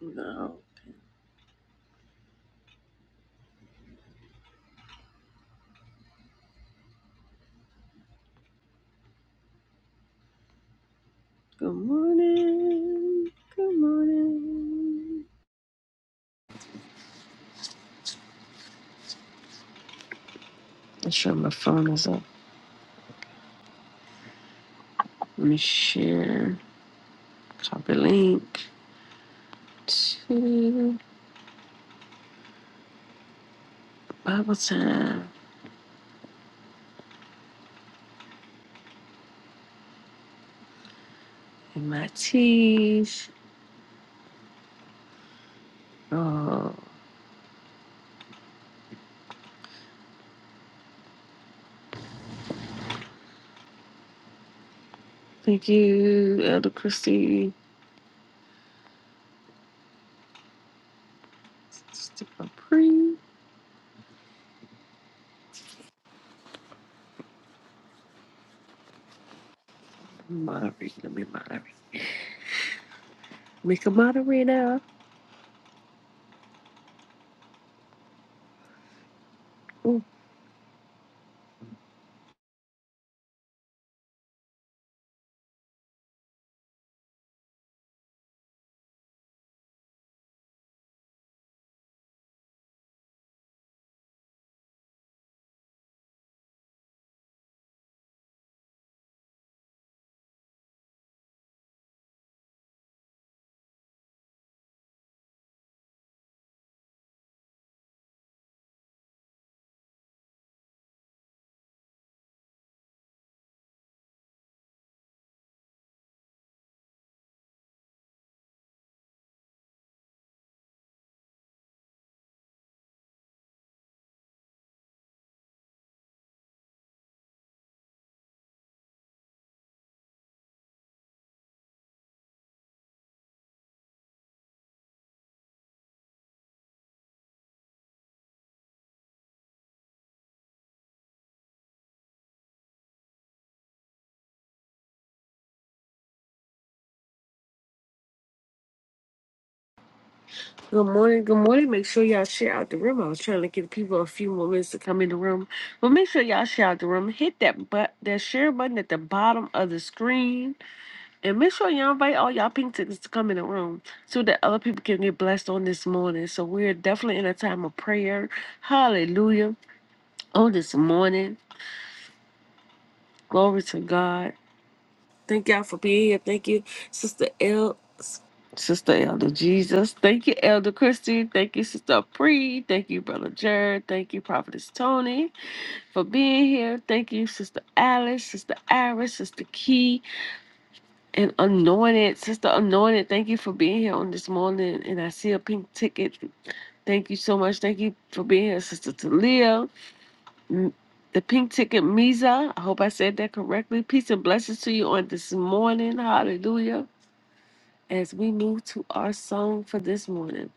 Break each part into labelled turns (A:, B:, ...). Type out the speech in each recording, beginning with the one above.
A: No. Good morning. Good morning. Make sure my phone is up. Let me share. Copy link to Bible time in my teeth. Oh, thank you, Elder Christie. Stick my pre. Moderate. Let me moderate. Make a moderator. Ooh. Good morning. Good morning. Make sure y'all share out the room. I was trying to give people a few more minutes to come in the room, but make sure y'all share out the room. Hit that but that share button at the bottom of the screen, and make sure y'all invite all y'all pink tickets to come in the room so that other people can get blessed on this morning. So we're definitely in a time of prayer. Hallelujah! On this morning, glory to God. Thank y'all for being here. Thank you, Sister El, Sister Elder Jesus. Thank you, Elder Christie. Thank you, Sister Pre. Thank you, Brother Jared. Thank you, Prophetess Tony, for being here. Thank you, Sister Alice, Sister Iris, Sister Key, and Anointed. Sister Anointed, thank you for being here on this morning. And I see a pink ticket. Thank you so much. Thank you for being here, Sister Talia. M- The pink ticket, Misa. I hope I said that correctly. Peace and blessings to you on this morning. Hallelujah as we move to our song for this morning.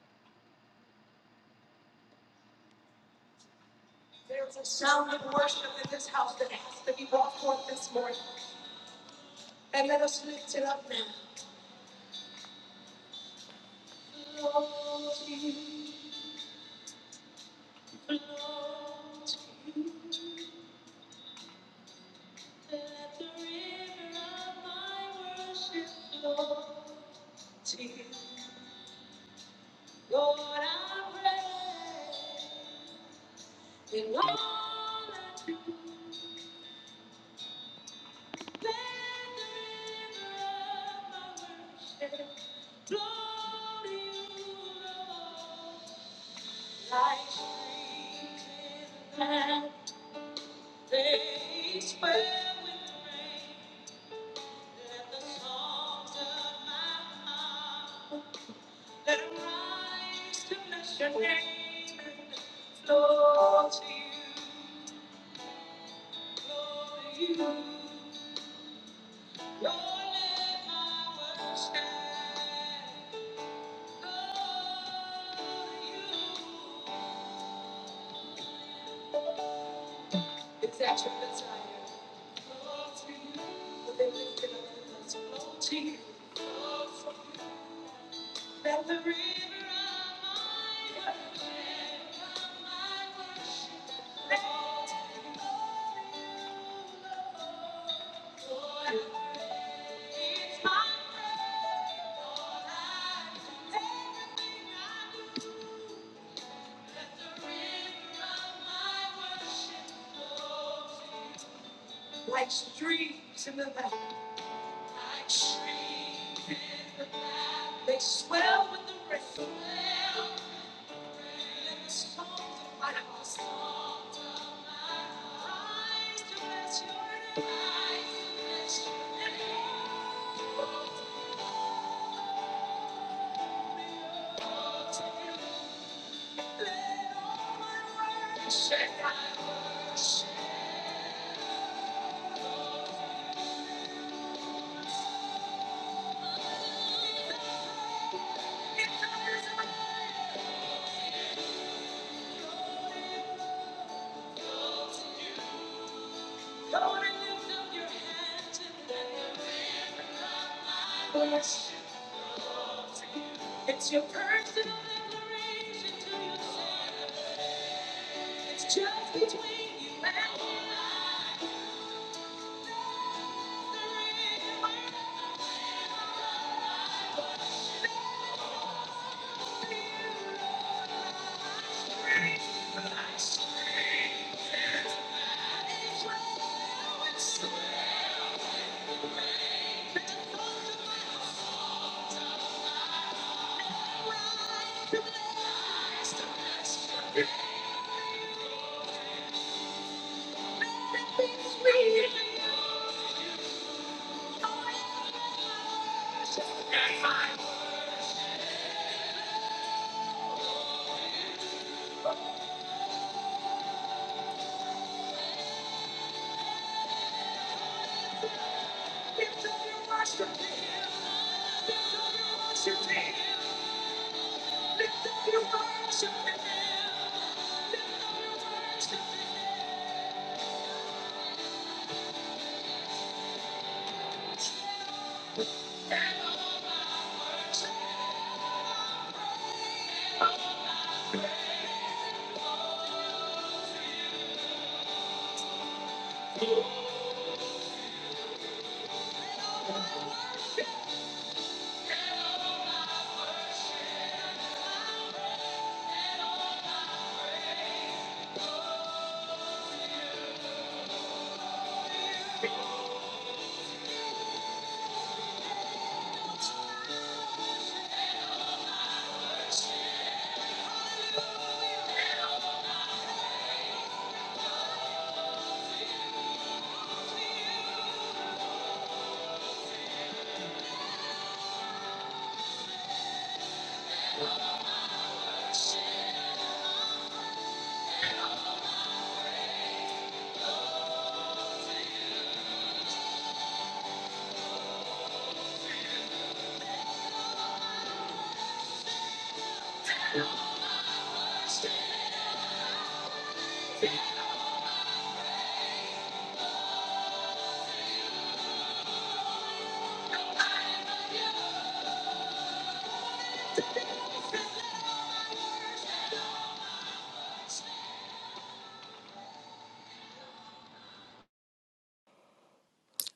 A: Stay.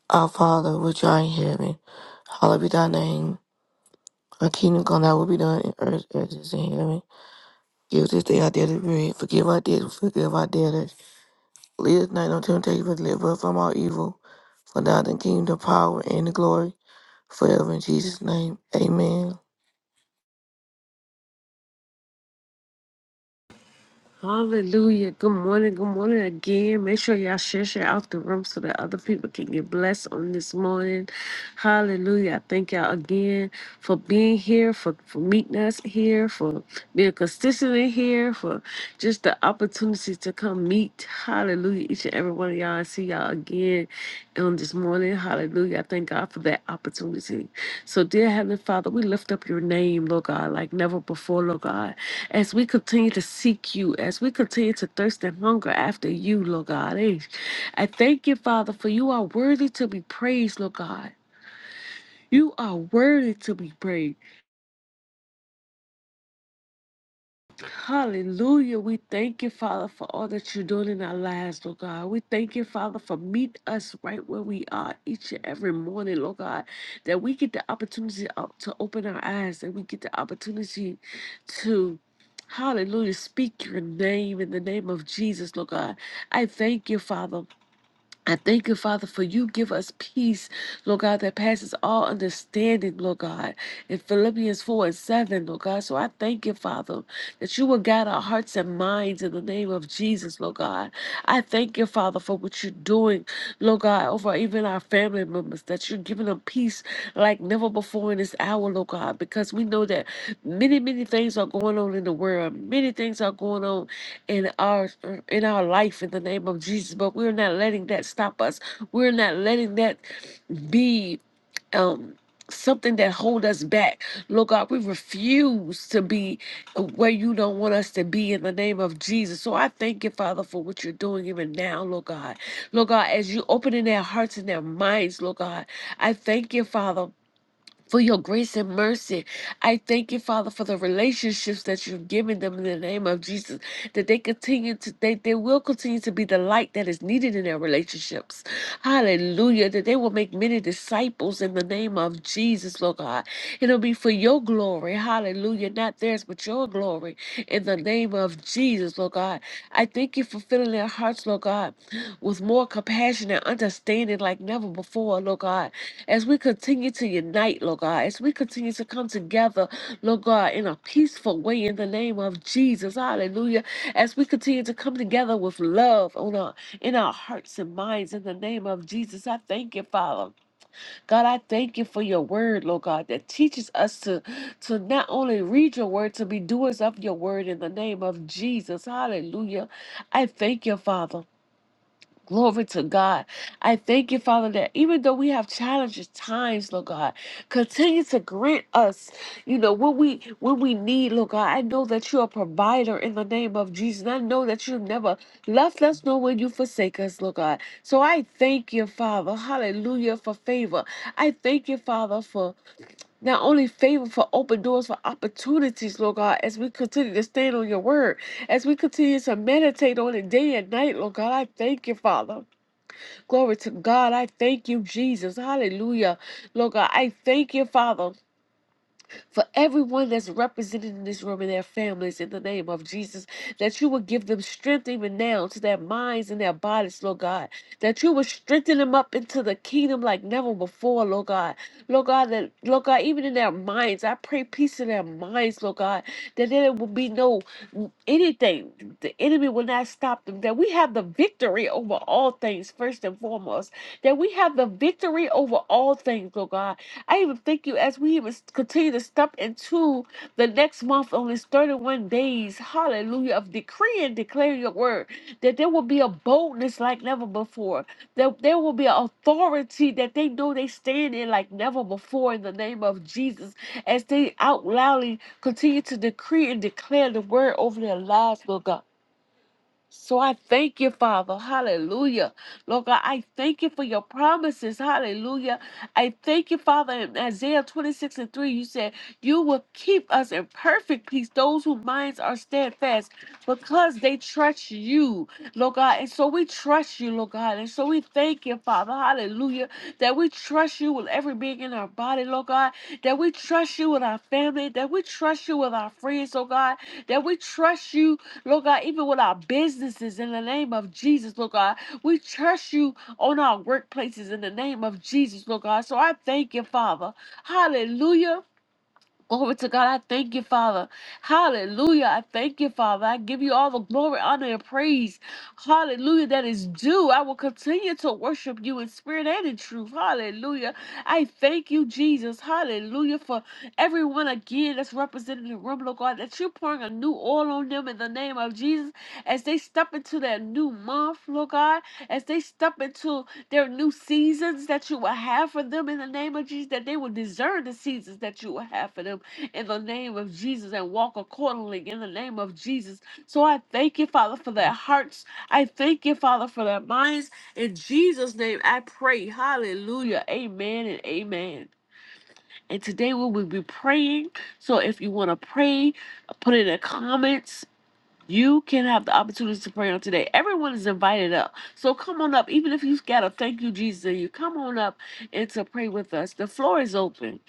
B: Our Father, which art in heaven, hallowed be thy name. Thy kingdom come, thy will be done in earth as it is in heaven. Give us this day our daily bread. Forgive our debts, we forgive our debtors. Lead us not into temptation, but deliver us from all evil. For thou art the kingdom, the power, and the glory, forever in Jesus' name. Amen.
A: Hallelujah. Good morning. Good morning again. Make sure y'all share, share out the room so that other people can get blessed on this morning. Hallelujah. I thank y'all again for being here, for, for meeting us here, for being consistent in here, for just the opportunity to come meet. Hallelujah. Each and every one of y'all. I see y'all again on this morning. Hallelujah. I thank God for that opportunity. So, dear Heavenly Father, we lift up your name, Lord God, like never before, Lord God. As we continue to seek you, as we continue to thirst and hunger after you, Lord God. eh, I thank you, Father, for you are worthy to be praised, Lord God. You are worthy to be praised. Hallelujah. We thank you, Father, for all that you're doing in our lives, Lord God. We thank you, Father, for meet us right where we are each and every morning, Lord God, that we get the opportunity o- to open our eyes, that we get the opportunity to. Hallelujah. Speak your name in the name of Jesus, Lord God. I thank you, Father. I thank you, Father, for you give us peace, Lord God, that passes all understanding, Lord God. In Philippians 4 and 7, Lord God. So I thank you, Father that you will guide our hearts and minds in the name of Jesus, Lord God. I thank you, Father, for what you're doing, Lord God, over even our family members, that you're giving them peace like never before in this hour, Lord God, because we know that many, many things are going on in the world. Many things are going on in our in our life in the name of Jesus, but we're not letting that stop us. We're not letting that be um something that hold us back. Lord God, we refuse to be where you don't want us to be in the name of Jesus. So I thank you, Father, for what you're doing even now, Lord God. Lord God, as you opening their hearts and their minds, Lord God, I thank you, Father for your grace and mercy. I thank you, Father, for the relationships that you've given them in the name of Jesus, that they continue to, they, they will continue to be the light that is needed in their relationships. Hallelujah. That they will make many disciples in the name of Jesus, Lord God. It'll be for your glory. Hallelujah. Not theirs, but your glory in the name of Jesus, Lord God. I thank you for filling their hearts, Lord God, with more compassion and understanding like never before, Lord God. As we continue to unite, Lord God, as we continue to come together, Lord God, in a peaceful way in the name of Jesus. Hallelujah. As we continue to come together with love on our in our hearts and minds in the name of Jesus. I thank you, Father. God, I thank you for your word, Lord God, that teaches us to to not only read your word, to be doers of your word in the name of Jesus. Hallelujah. I thank you, Father. Glory to God. I thank you, Father, that even though we have challenging times, Lord God, continue to grant us, you know, what we what we need, Lord God. I know that you're a provider in the name of Jesus. And I know that you've never left us nor will you forsake us, Lord God. So I thank you, Father, hallelujah, for favor. I thank you, Father, for not only favor for open doors, for opportunities, Lord God, as we continue to stand on your word, as we continue to meditate on it day and night, Lord God. I thank you, Father. Glory to God. I thank you, Jesus. Hallelujah. Lord God, I thank you, Father for everyone that's represented in this room and their families in the name of Jesus, that you would give them strength even now to their minds and their bodies, Lord God, that you would strengthen them up into the kingdom like never before, Lord God. Lord God, that Lord God, even in their minds, I pray peace in their minds, Lord God, that there will be no anything. The enemy will not stop them. That we have the victory over all things, first and foremost. That we have the victory over all things, Lord God I even thank you as we even s- continue to step into the next month on this 31 days, hallelujah, of decreeing, declaring your word, that there will be a boldness like never before, that there will be an authority that they know they stand in like never before in the name of Jesus, as they out loudly continue to decree and declare the word over their lives, Lord God. So I thank you, Father. Hallelujah. Lord God, I thank you for your promises. Hallelujah. I thank you, Father. In Isaiah 26 and 3, you said, You will keep us in perfect peace, those whose minds are steadfast because they trust you, Lord God. And so we trust you, Lord God. And so we thank you, Father. Hallelujah. That we trust you with every being in our body, Lord God. That we trust you with our family. That we trust you with our friends, Lord God. That we trust you, Lord God, even with our businesses in the name of Jesus, Lord God. We trust you on our workplaces in the name of Jesus, Lord God. So I thank you, Father. Hallelujah Glory to God. I thank you, Father. Hallelujah. I thank you, Father. I give you all the glory, honor, and praise. Hallelujah. That is due. I will continue to worship you in spirit and in truth. Hallelujah. I thank you, Jesus. Hallelujah. For everyone again that's represented in the room, Lord God, that you're pouring a new oil on them in the name of Jesus as they step into their new month, Lord God, as they step into their new seasons that you will have for them in the name of Jesus, that they will discern the seasons that you will have for them in the name of Jesus and walk accordingly in the name of Jesus. So I thank you, Father, for their hearts. I thank you, Father, for their minds. In Jesus' name, I pray. Hallelujah. Amen and amen. And today we will be praying. So if you want to pray, put in the comments. You can have the opportunity to pray on today. Everyone is invited up. So come on up. Even if you've got a thank you, Jesus, in you come on up and to pray with us. The floor is open.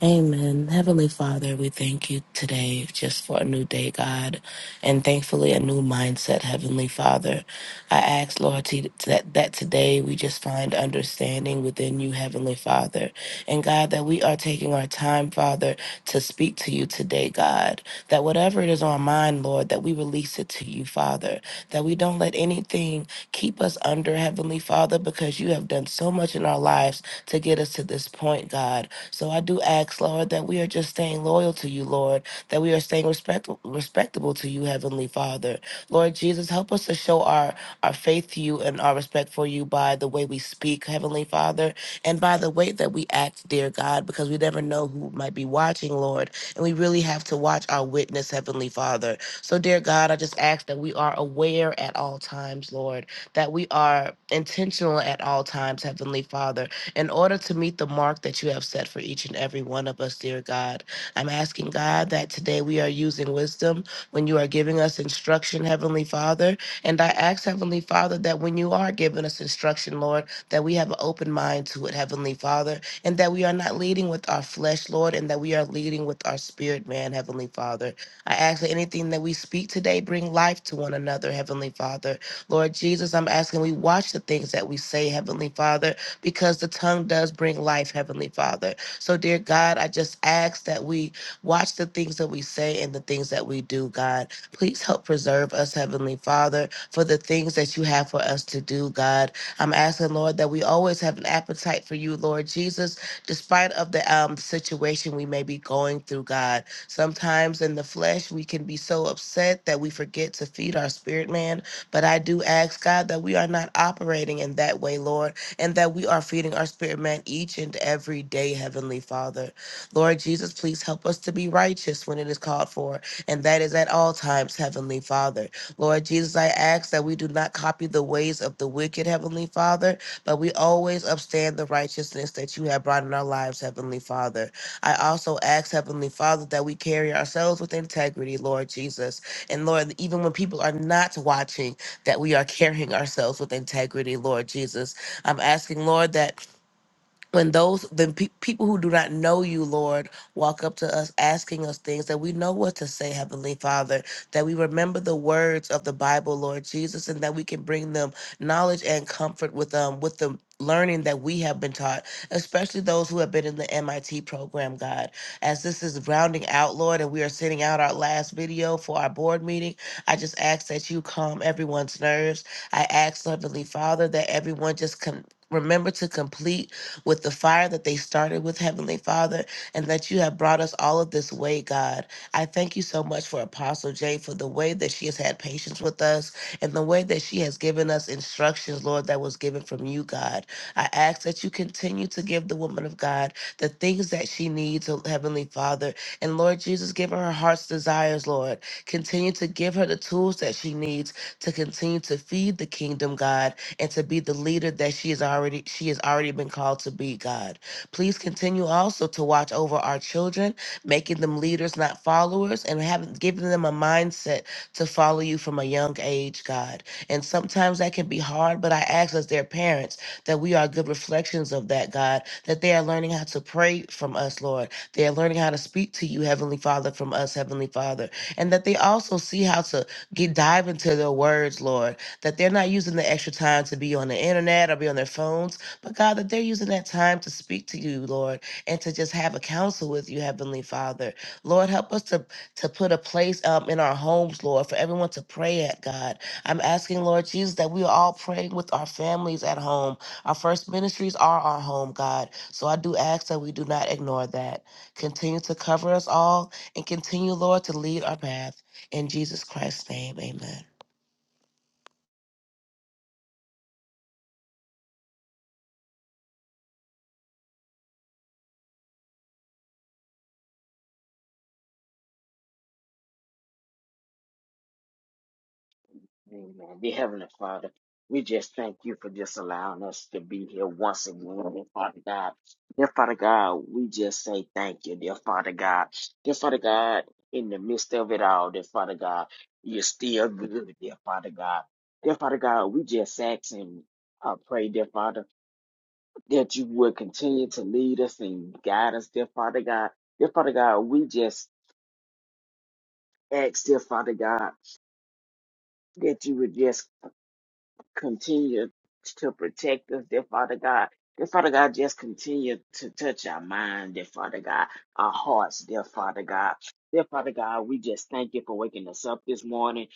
C: Amen. Heavenly Father, we thank you today just for a new day, God, and thankfully a new mindset, Heavenly Father. I ask, Lord, to, that, that today we just find understanding within you, Heavenly Father. And God, that we are taking our time, Father, to speak to you today, God. That whatever it is on our mind, Lord, that we release it to you, Father. That we don't let anything keep us under, Heavenly Father, because you have done so much in our lives to get us to this point, God. So I do ask, Lord, that we are just staying loyal to you, Lord, that we are staying respect- respectable to you, Heavenly Father. Lord Jesus, help us to show our, our faith to you and our respect for you by the way we speak, Heavenly Father, and by the way that we act, dear God, because we never know who might be watching, Lord, and we really have to watch our witness, Heavenly Father. So, dear God, I just ask that we are aware at all times, Lord, that we are intentional at all times, Heavenly Father in order to meet the mark that you have set for each and every one of us, dear God. I'm asking God that today we are using wisdom when you are giving us instruction, Heavenly Father. And I ask, Heavenly Father, that when you are giving us instruction, Lord, that we have an open mind to it, Heavenly Father, and that we are not leading with our flesh, Lord, and that we are leading with our spirit, man, Heavenly Father. I ask that anything that we speak today bring life to one another, Heavenly Father. Lord Jesus, I'm asking we watch the things that we say, Heavenly Father, because the tongue does bring life, Heavenly Father. So, dear God, I just ask that we watch the things that we say and the things that we do, God. Please help preserve us, Heavenly Father, for the things that you have for us to do, God. I'm asking, Lord, that we always have an appetite for you, Lord Jesus, despite of the um, situation we may be going through, God. Sometimes in the flesh, we can be so upset that we forget to feed our spirit man. But I do ask, God, that we are not operating in that way, Lord and that we are feeding our spirit man each and every day, Heavenly Father. Lord Jesus, please help us to be righteous when it is called for, and that is at all times, Heavenly Father. Lord Jesus, I ask that we do not copy the ways of the wicked, Heavenly Father, but we always upstand the righteousness that you have brought in our lives, Heavenly Father. I also ask, Heavenly Father, that we carry ourselves with integrity, Lord Jesus. And Lord, even when people are not watching, that we are carrying ourselves with integrity, Lord Jesus I'm asking, Lord, that when those when pe- people who do not know you lord walk up to us asking us things that we know what to say heavenly father that we remember the words of the bible lord jesus and that we can bring them knowledge and comfort with um with the learning that we have been taught especially those who have been in the mit program god as this is rounding out lord and we are sending out our last video for our board meeting i just ask that you calm everyone's nerves i ask heavenly father that everyone just can remember to complete with the fire that they started with, Heavenly Father, and that you have brought us all of this way, God. I thank you so much for Apostle Jay for the way that she has had patience with us and the way that she has given us instructions, Lord, that was given from you, God. I ask that you continue to give the woman of God the things that she needs, oh, Heavenly Father. And Lord Jesus, give her her heart's desires, Lord. Continue to give her the tools that she needs to continue to feed the kingdom, God and to be the leader that she is already she has already been called to be, God. Please continue also to watch over our children, making them leaders, not followers, and having giving them a mindset to follow you from a young age, God. And sometimes that can be hard, but I ask as their parents that we are good reflections of that, God, that they are learning how to pray from us, Lord. They are learning how to speak to you, Heavenly Father, from us, Heavenly Father. And that they also see how to get dive into their words, Lord that they're not using the extra time to be on the internet or be on their phones, but God, that they're using that time to speak to you, Lord, and to just have a counsel with you, Heavenly Father. Lord, help us to, to put a place um, in our homes, Lord, for everyone to pray at, God. I'm asking, Lord Jesus, that we are all praying with our families at home. Our first ministries are our home, God. So I do ask that we do not ignore that. Continue to cover us all and continue, Lord, to lead our path. In Jesus Christ's name, amen.
D: Amen. Dear Heavenly Father, we just thank you for just allowing us to be here once again, dear Father God. Dear Father God, we just say thank you, dear Father God. Dear Father God, in the midst of it all, dear Father God, you're still good, dear Father God. Dear Father God, we just ask and uh, pray, dear Father, that you would continue to lead us and guide us, dear Father God. Dear Father God, we just ask, dear Father God, that you would just. continue to protect us, dear Father God. Dear Father God, just continue to touch our mind, dear Father God, our hearts, dear Father God. Dear Father God, we just thank you for waking us up this morning.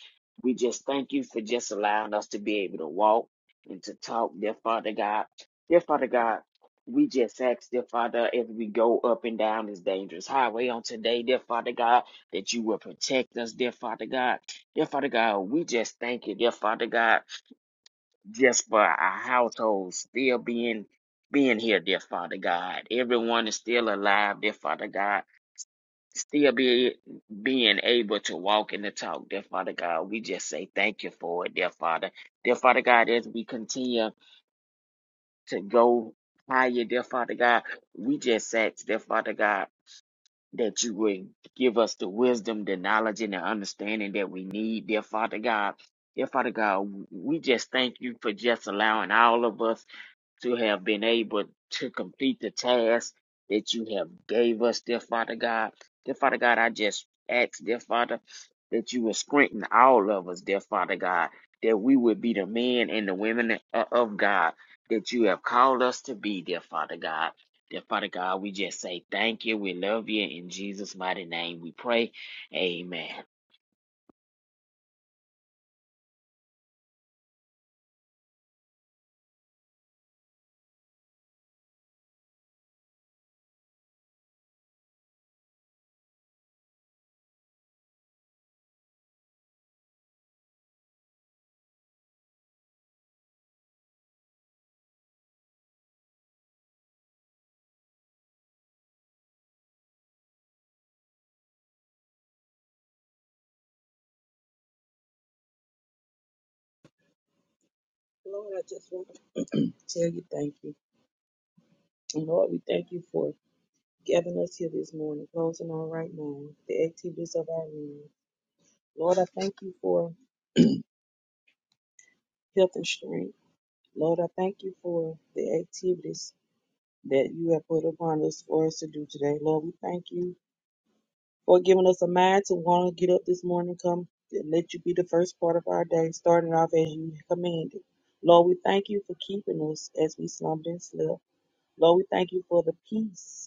D: We just thank you for just allowing us to be able to walk and to talk, dear Father God. Dear Father God, we just ask, dear Father, as we go up and down this dangerous highway on today, dear Father God, that you will protect us, dear Father God. Dear Father God, we just thank you, dear Father God just for our household still being being here, dear Father God. Everyone is still alive, dear Father God. Still be being able to walk and to talk, dear Father God. We just say thank you for it, dear Father. Dear Father God, as we continue to go higher, dear Father God, we just ask, dear Father God, that you would give us the wisdom, the knowledge, and the understanding that we need, dear Father God. Dear Father God, we just thank you for just allowing all of us to have been able to complete the task that you have gave us, dear Father God. Dear Father God, I just ask, dear Father, that you would strengthen all of us, dear Father God, that we would be the men and the women o- of God that you have called us to be, dear Father God. Dear Father God, we just say thank you. We love you. In Jesus' mighty name we pray. Amen.
E: Lord, I just want to tell you thank you. And Lord, we thank you for gathering us here this morning, closing on right now, the activities of our room. Lord, I thank you for health and strength. Lord, I thank you for the activities that you have put upon us for us to do today. Lord, we thank you for giving us a mind to want to get up this morning, come and let you be the first part of our day, starting off as you commanded. Lord, we thank you for keeping us as we slumbered and slept. Lord, we thank you for the peace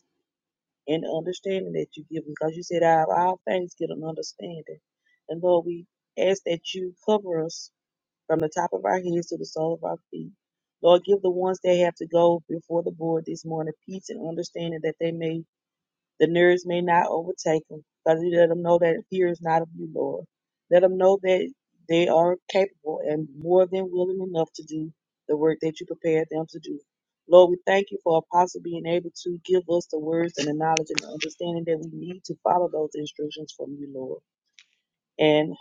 E: and the understanding that you give them. Because you said, out of all things, get an understanding. And Lord, we ask that you cover us from the top of our heads to the sole of our feet. Lord, give the ones that have to go before the board this morning peace and understanding that they may the nearest may not overtake them, but you let them know that fear is not of you, Lord. Let them know that they are capable and more than willing enough to do the work that you prepared them to do. Lord, we thank you for Apostle being able to give us the words and the knowledge and the understanding that we need to follow those instructions from you, Lord. And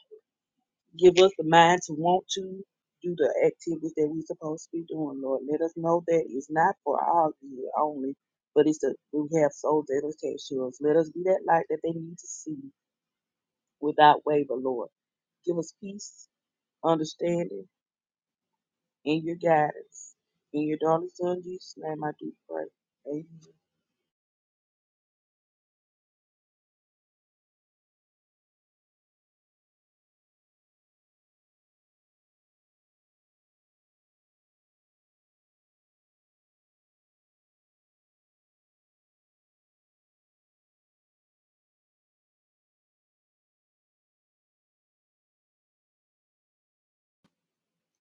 E: Give us the mind to want to do the activities that we're supposed to be doing, Lord. Let us know that it's not for our good only, but it's that we have souls that are attached to us. Let us be that light that they need to see without waver, Lord. Give us peace, understanding, and your guidance. In your darling son Jesus' name, I do pray. Amen.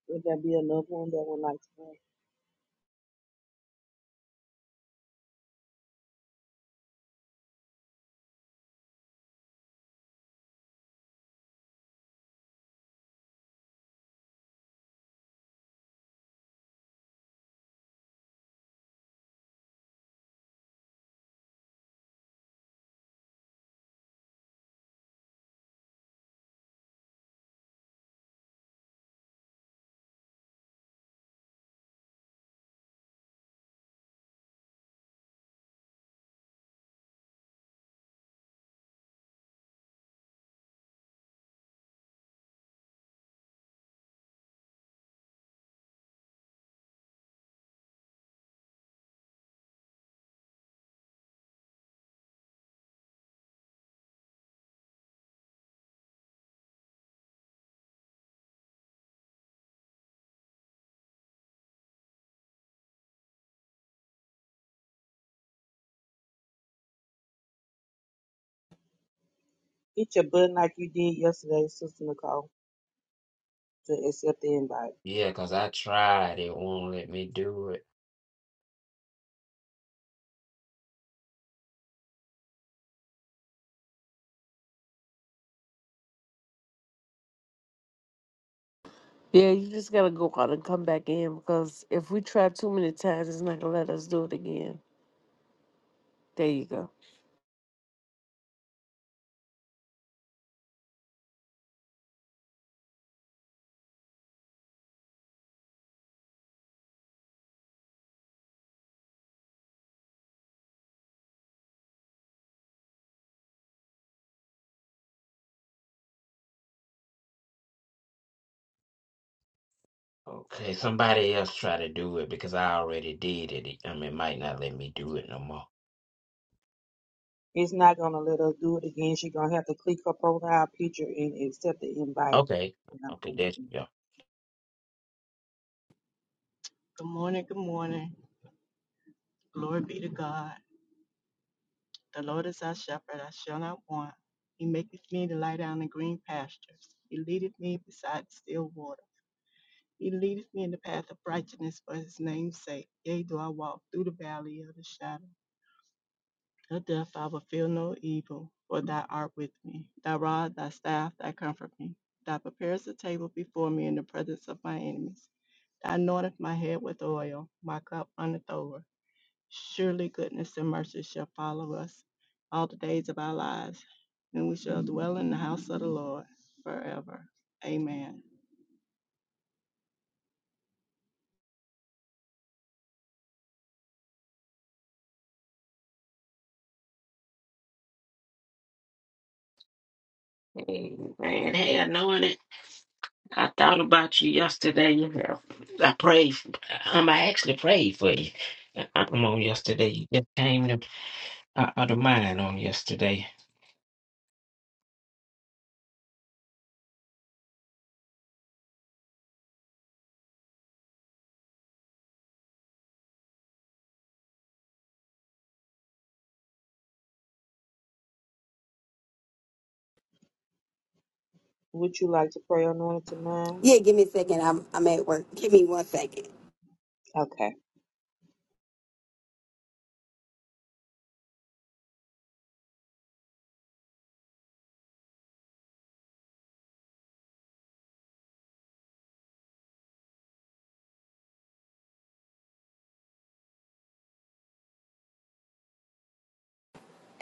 E: Will there be another one that would like to pray? Hit your button like you did yesterday, Sister Nicole, to accept the invite.
D: Yeah, because I tried. It won't let me do it.
A: Yeah, you just gotta go out and come back in because if we try too many times, it's not gonna let us do it again. There you go.
D: Okay, somebody else try to do it because I already did it. I mean, it might not let me do it no more.
E: It's not gonna let us do it again. She's gonna have to click her profile picture and accept the invite.
D: Okay, okay, there you go.
F: Good morning, good morning. Glory be to God. The Lord is our shepherd, I shall not want. He maketh me to lie down in green pastures. He leadeth me beside still water. He leadeth me in the path of righteousness for his name's sake. Yea, do I walk through the valley of the shadow of death, I will fear no evil, for thou art with me. Thy rod, thy staff, thy comfort me. Thou preparest a table before me in the presence of my enemies. Thou anointest my head with oil, my cup runneth over. Surely goodness and mercy shall follow us all the days of our lives, and we shall dwell in the house of the Lord forever. Amen.
D: Hey, man, hey, I know it. I thought about you yesterday. You know, I prayed. Um, I actually prayed for you. I'm on yesterday. You just came to I had a man on yesterday.
E: Would you like to pray anointed mind?
G: Yeah, give me a second. I'm I'm at work. Give me one second.
E: Okay.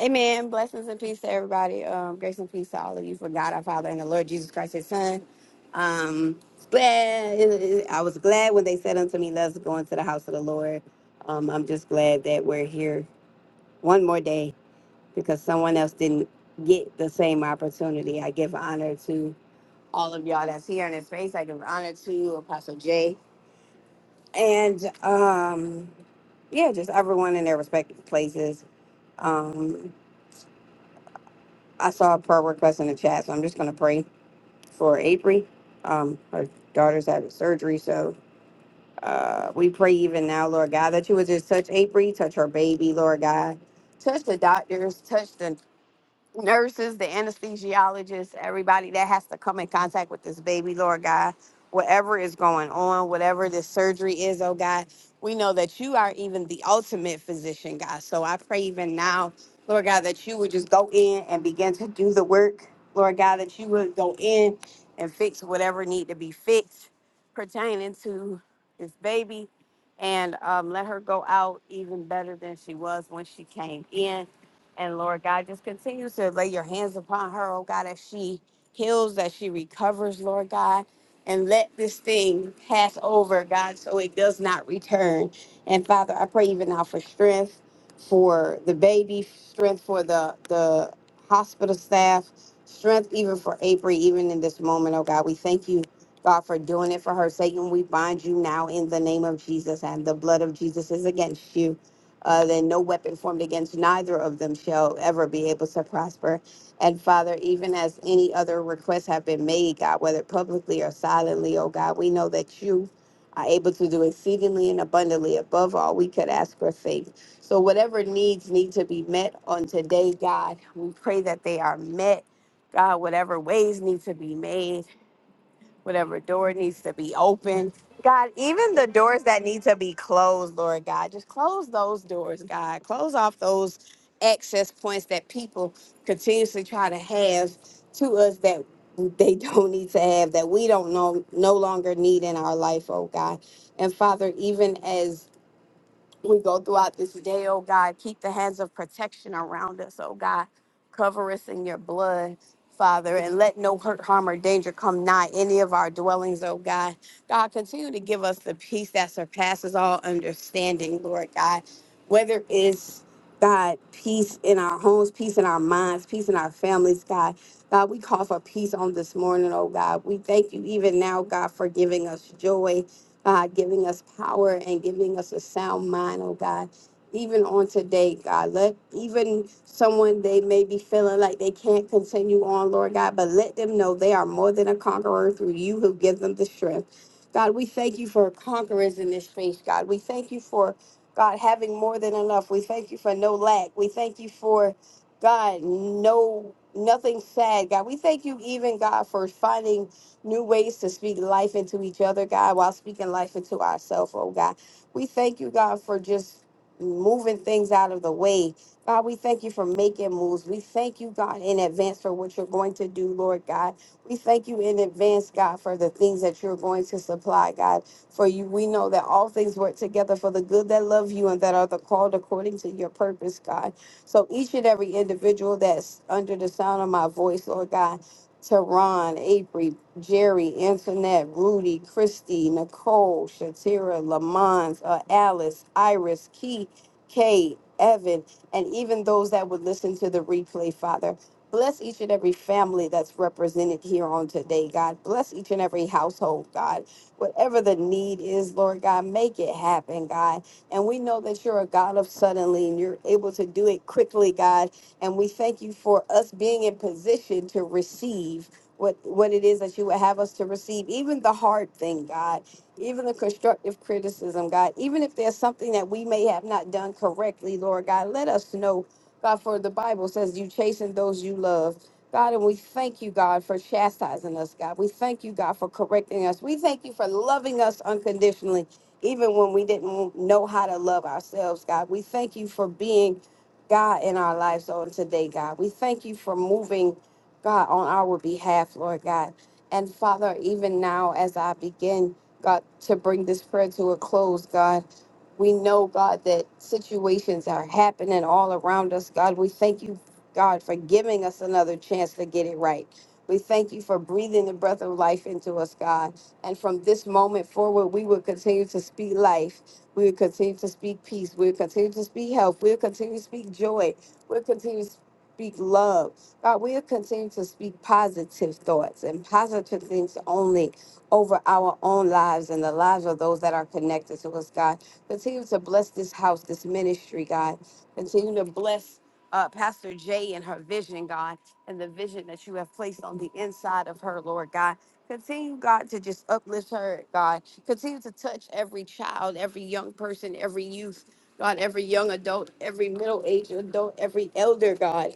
G: Amen. Blessings and peace to everybody. Um, grace and peace to all of you for God our Father and the Lord Jesus Christ His Son. Um, glad I was glad when they said unto me, "Let's go into the house of the Lord." Um, I'm just glad that we're here one more day because someone else didn't get the same opportunity. I give honor to all of y'all that's here in this space. I give honor to Apostle Jay and um, yeah, just everyone in their respective places Um, I saw a prayer request in the chat, so I'm just going to pray for April. Um, her daughter's having surgery, so uh, we pray even now, Lord God, that you would just touch April, touch her baby, Lord God, touch the doctors, touch the nurses, the anesthesiologists, everybody that has to come in contact with this baby, Lord God, whatever is going on, whatever this surgery is, oh God, we know that you are even the ultimate physician, God. So I pray even now, Lord God, that you would just go in and begin to do the work, Lord God, that you would go in and fix whatever need to be fixed pertaining to this baby and um, let her go out even better than she was when she came in and Lord God, just continue to lay your hands upon her, oh God, as she heals, that she recovers, Lord God. And let this thing pass over, God, so it does not return. And Father, I pray even now for strength for the baby, strength for the the hospital staff, strength even for April, even in this moment, oh God. We thank you, God, for doing it for her. Satan, we bind you now in the name of Jesus, and the blood of Jesus is against you uh, then no weapon formed against neither of them shall ever be able to prosper. And Father, even as any other requests have been made, God, whether publicly or silently, oh God, we know that you are able to do exceedingly and abundantly above all we could ask or think. So whatever needs need to be met on today, God, we pray that they are met. God, whatever ways need to be made whatever door needs to be open. God, even the doors that need to be closed, Lord God, just close those doors, God. Close off those access points that people continuously try to have to us that they don't need to have, that we don't know no longer need in our life, oh God. And Father, even as we go throughout this day, oh God. Keep the hands of protection around us, oh God. Cover us in your blood, Father, and let no hurt, harm, or danger come nigh any of our dwellings, oh God. God, continue to give us the peace that surpasses all understanding, Lord God. Whether it's God, peace in our homes, peace in our minds, peace in our families, God. God, we call for peace on this morning, oh God. We thank you even now, God, for giving us joy. God, giving us power and giving us a sound mind, oh God. Even on today, God, let even someone they may be feeling like they can't continue on, Lord God, but let them know they are more than a conqueror through you who give them the strength. God, we thank you for conquerors in this space, God. We thank you for, God, having more than enough. We thank you for no lack. We thank you for, God, no, nothing sad, God. We thank you even, God, for finding new ways to speak life into each other, God, while speaking life into ourselves, oh God. We thank you, God, for just moving things out of the way. God, we thank you for making moves. We thank you, God, in advance for what you're going to do, Lord God. We thank you in advance, God, for the things that you're going to supply, God. For you, we know that all things work together for the good that love you and that are the called according to your purpose, God. So each and every individual that's under the sound of my voice, Lord God. Teron, Avery, Jerry, Antoinette, Rudy, Christy, Nicole, Shatira, Lamont, uh, Alice, Iris, Key, Kay, Evan, and even those that would listen to the replay, Father. Bless each and every family that's represented here on today, God. Bless each and every household, God. Whatever the need is, Lord God, make it happen, God. And we know that you're a God of suddenly and you're able to do it quickly, God and we thank you for us being in position to receive what, what it is that you would have us to receive, even the hard thing, God, even the constructive criticism, God, even if there's something that we may have not done correctly, Lord God, let us know, God, for the Bible says you chasten those you love. God, and we thank you, God, for chastising us, God. We thank you, God, for correcting us. We thank you for loving us unconditionally, even when we didn't know how to love ourselves, God. We thank you for being God, in our lives on today, God. We thank you for moving, God, on our behalf, Lord God. And Father, even now as I begin, God, to bring this prayer to a close, God, we know, God, that situations are happening all around us, God. We thank you, God, for giving us another chance to get it right. We thank you for breathing the breath of life into us, God. And from this moment forward, we will continue to speak life. We will continue to speak peace. We will continue to speak health. We will continue to speak joy. We'll continue to speak love. God, we'll continue to speak positive thoughts and positive things only over our own lives and the lives of those that are connected to us, God. Continue to bless this house, this ministry, God. Continue to bless uh, Pastor Jay and her vision, God, and the vision that you have placed on the inside of her, Lord God. Continue, God, to just uplift her, God. Continue to touch every child, every young person, every youth, God, every young adult, every middle aged adult, every elder, God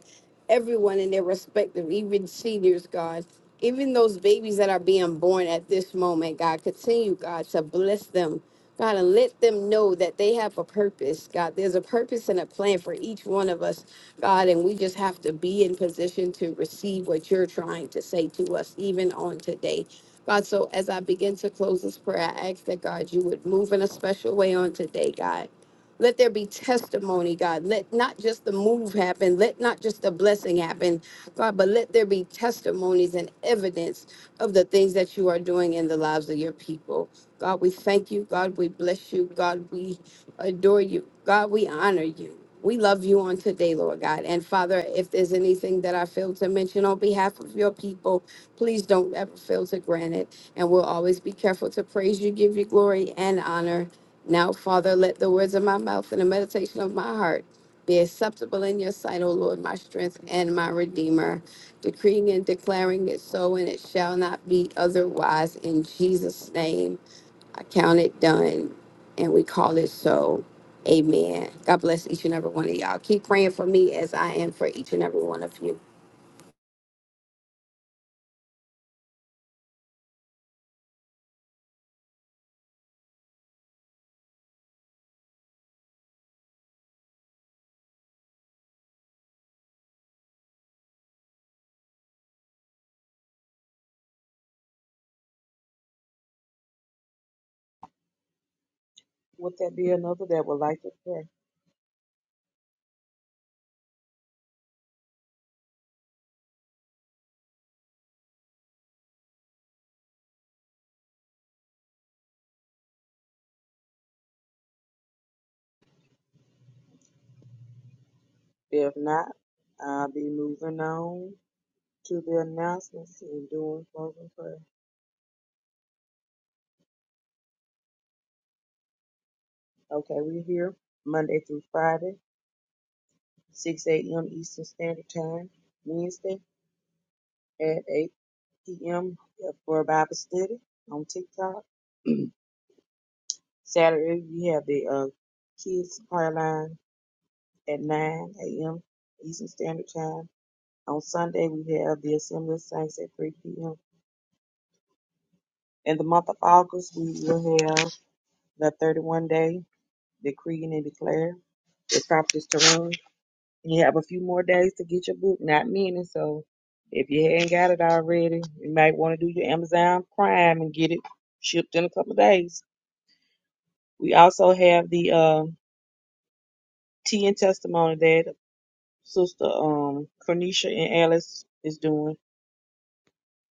G: everyone in their respective, even seniors, God, even those babies that are being born at this moment, God, continue, God, to bless them. God, and let them know that they have a purpose. God, there's a purpose and a plan for each one of us, God, and we just have to be in position to receive what you're trying to say to us, even on today. God, so as I begin to close this prayer, I ask that God, you would move in a special way on today, God. Let there be testimony, God. Let not just the move happen, let not just the blessing happen, God, but let there be testimonies and evidence of the things that you are doing in the lives of your people. God, we thank you. God, we bless you. God, we adore you. God, we honor you. We love you on today, Lord God. And Father, if there's anything that I failed to mention on behalf of your people, please don't ever fail to grant it. And we'll always be careful to praise you, give you glory and honor. Now, Father, let the words of my mouth and the meditation of my heart be acceptable in your sight, O Lord, my strength and my redeemer, decreeing and declaring it so, and it shall not be otherwise. In Jesus' name, I count it done, and we call it so. Amen. God bless each and every one of y'all. Keep praying for me as I am for each and every one of you.
E: Would there be another that would like to pray? If not, I'll be moving on to the announcements and doing closing prayer. Okay, we're here Monday through Friday, 6 a.m. Eastern Standard Time. Wednesday at 8 p.m. for Bible study on TikTok. Saturday, you have the uh, kids supply line at 9 a.m. Eastern Standard Time. On Sunday, we have the Assembly of Saints at 3 p.m. In the month of August, we will have the 31 day decreeing and declare the properties to run. you have a few more days to get your book, not many. So if you hadn't got it already, you might want to do your Amazon Prime and get it shipped in a couple of days. We also have the uh, Tea and Testimony Day Sister um Cornisha and Alice is doing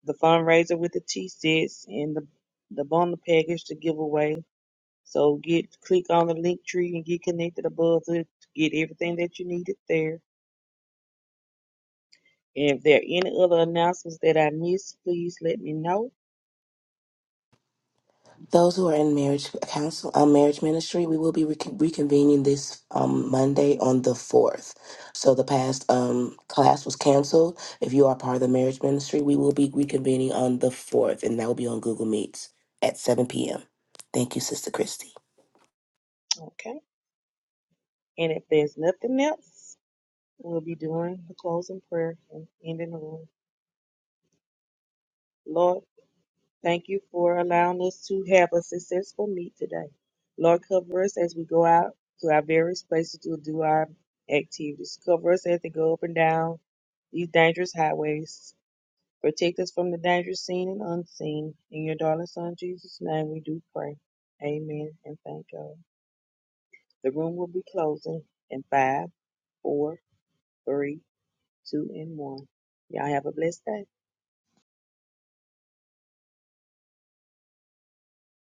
E: the fundraiser with the tea sets and the the bundle package to give away. So get click on the link tree and get connected above it to get everything that you needed there. And if there are any other announcements that I missed, please let me know.
C: Those who are in marriage counsel, um, marriage ministry, we will be recon- reconvening this um, Monday on the fourth. So the past um, class was canceled. If you are part of the marriage ministry, we will be reconvening on the fourth, and that will be on Google Meets at seven p.m. Thank you, Sister Christy.
E: Okay. And if there's nothing else, we'll be doing the closing prayer and ending the room. Lord, Thank you for allowing us to have a successful meet today. Lord, cover us as we go out to our various places to do our activities. Cover us as we go up and down these dangerous highways. Protect us from the dangers seen and unseen. In your darling Son Jesus' name we do pray. Amen and thank God. The room will be closing in five, four, three, two, and one. Y'all have a blessed day.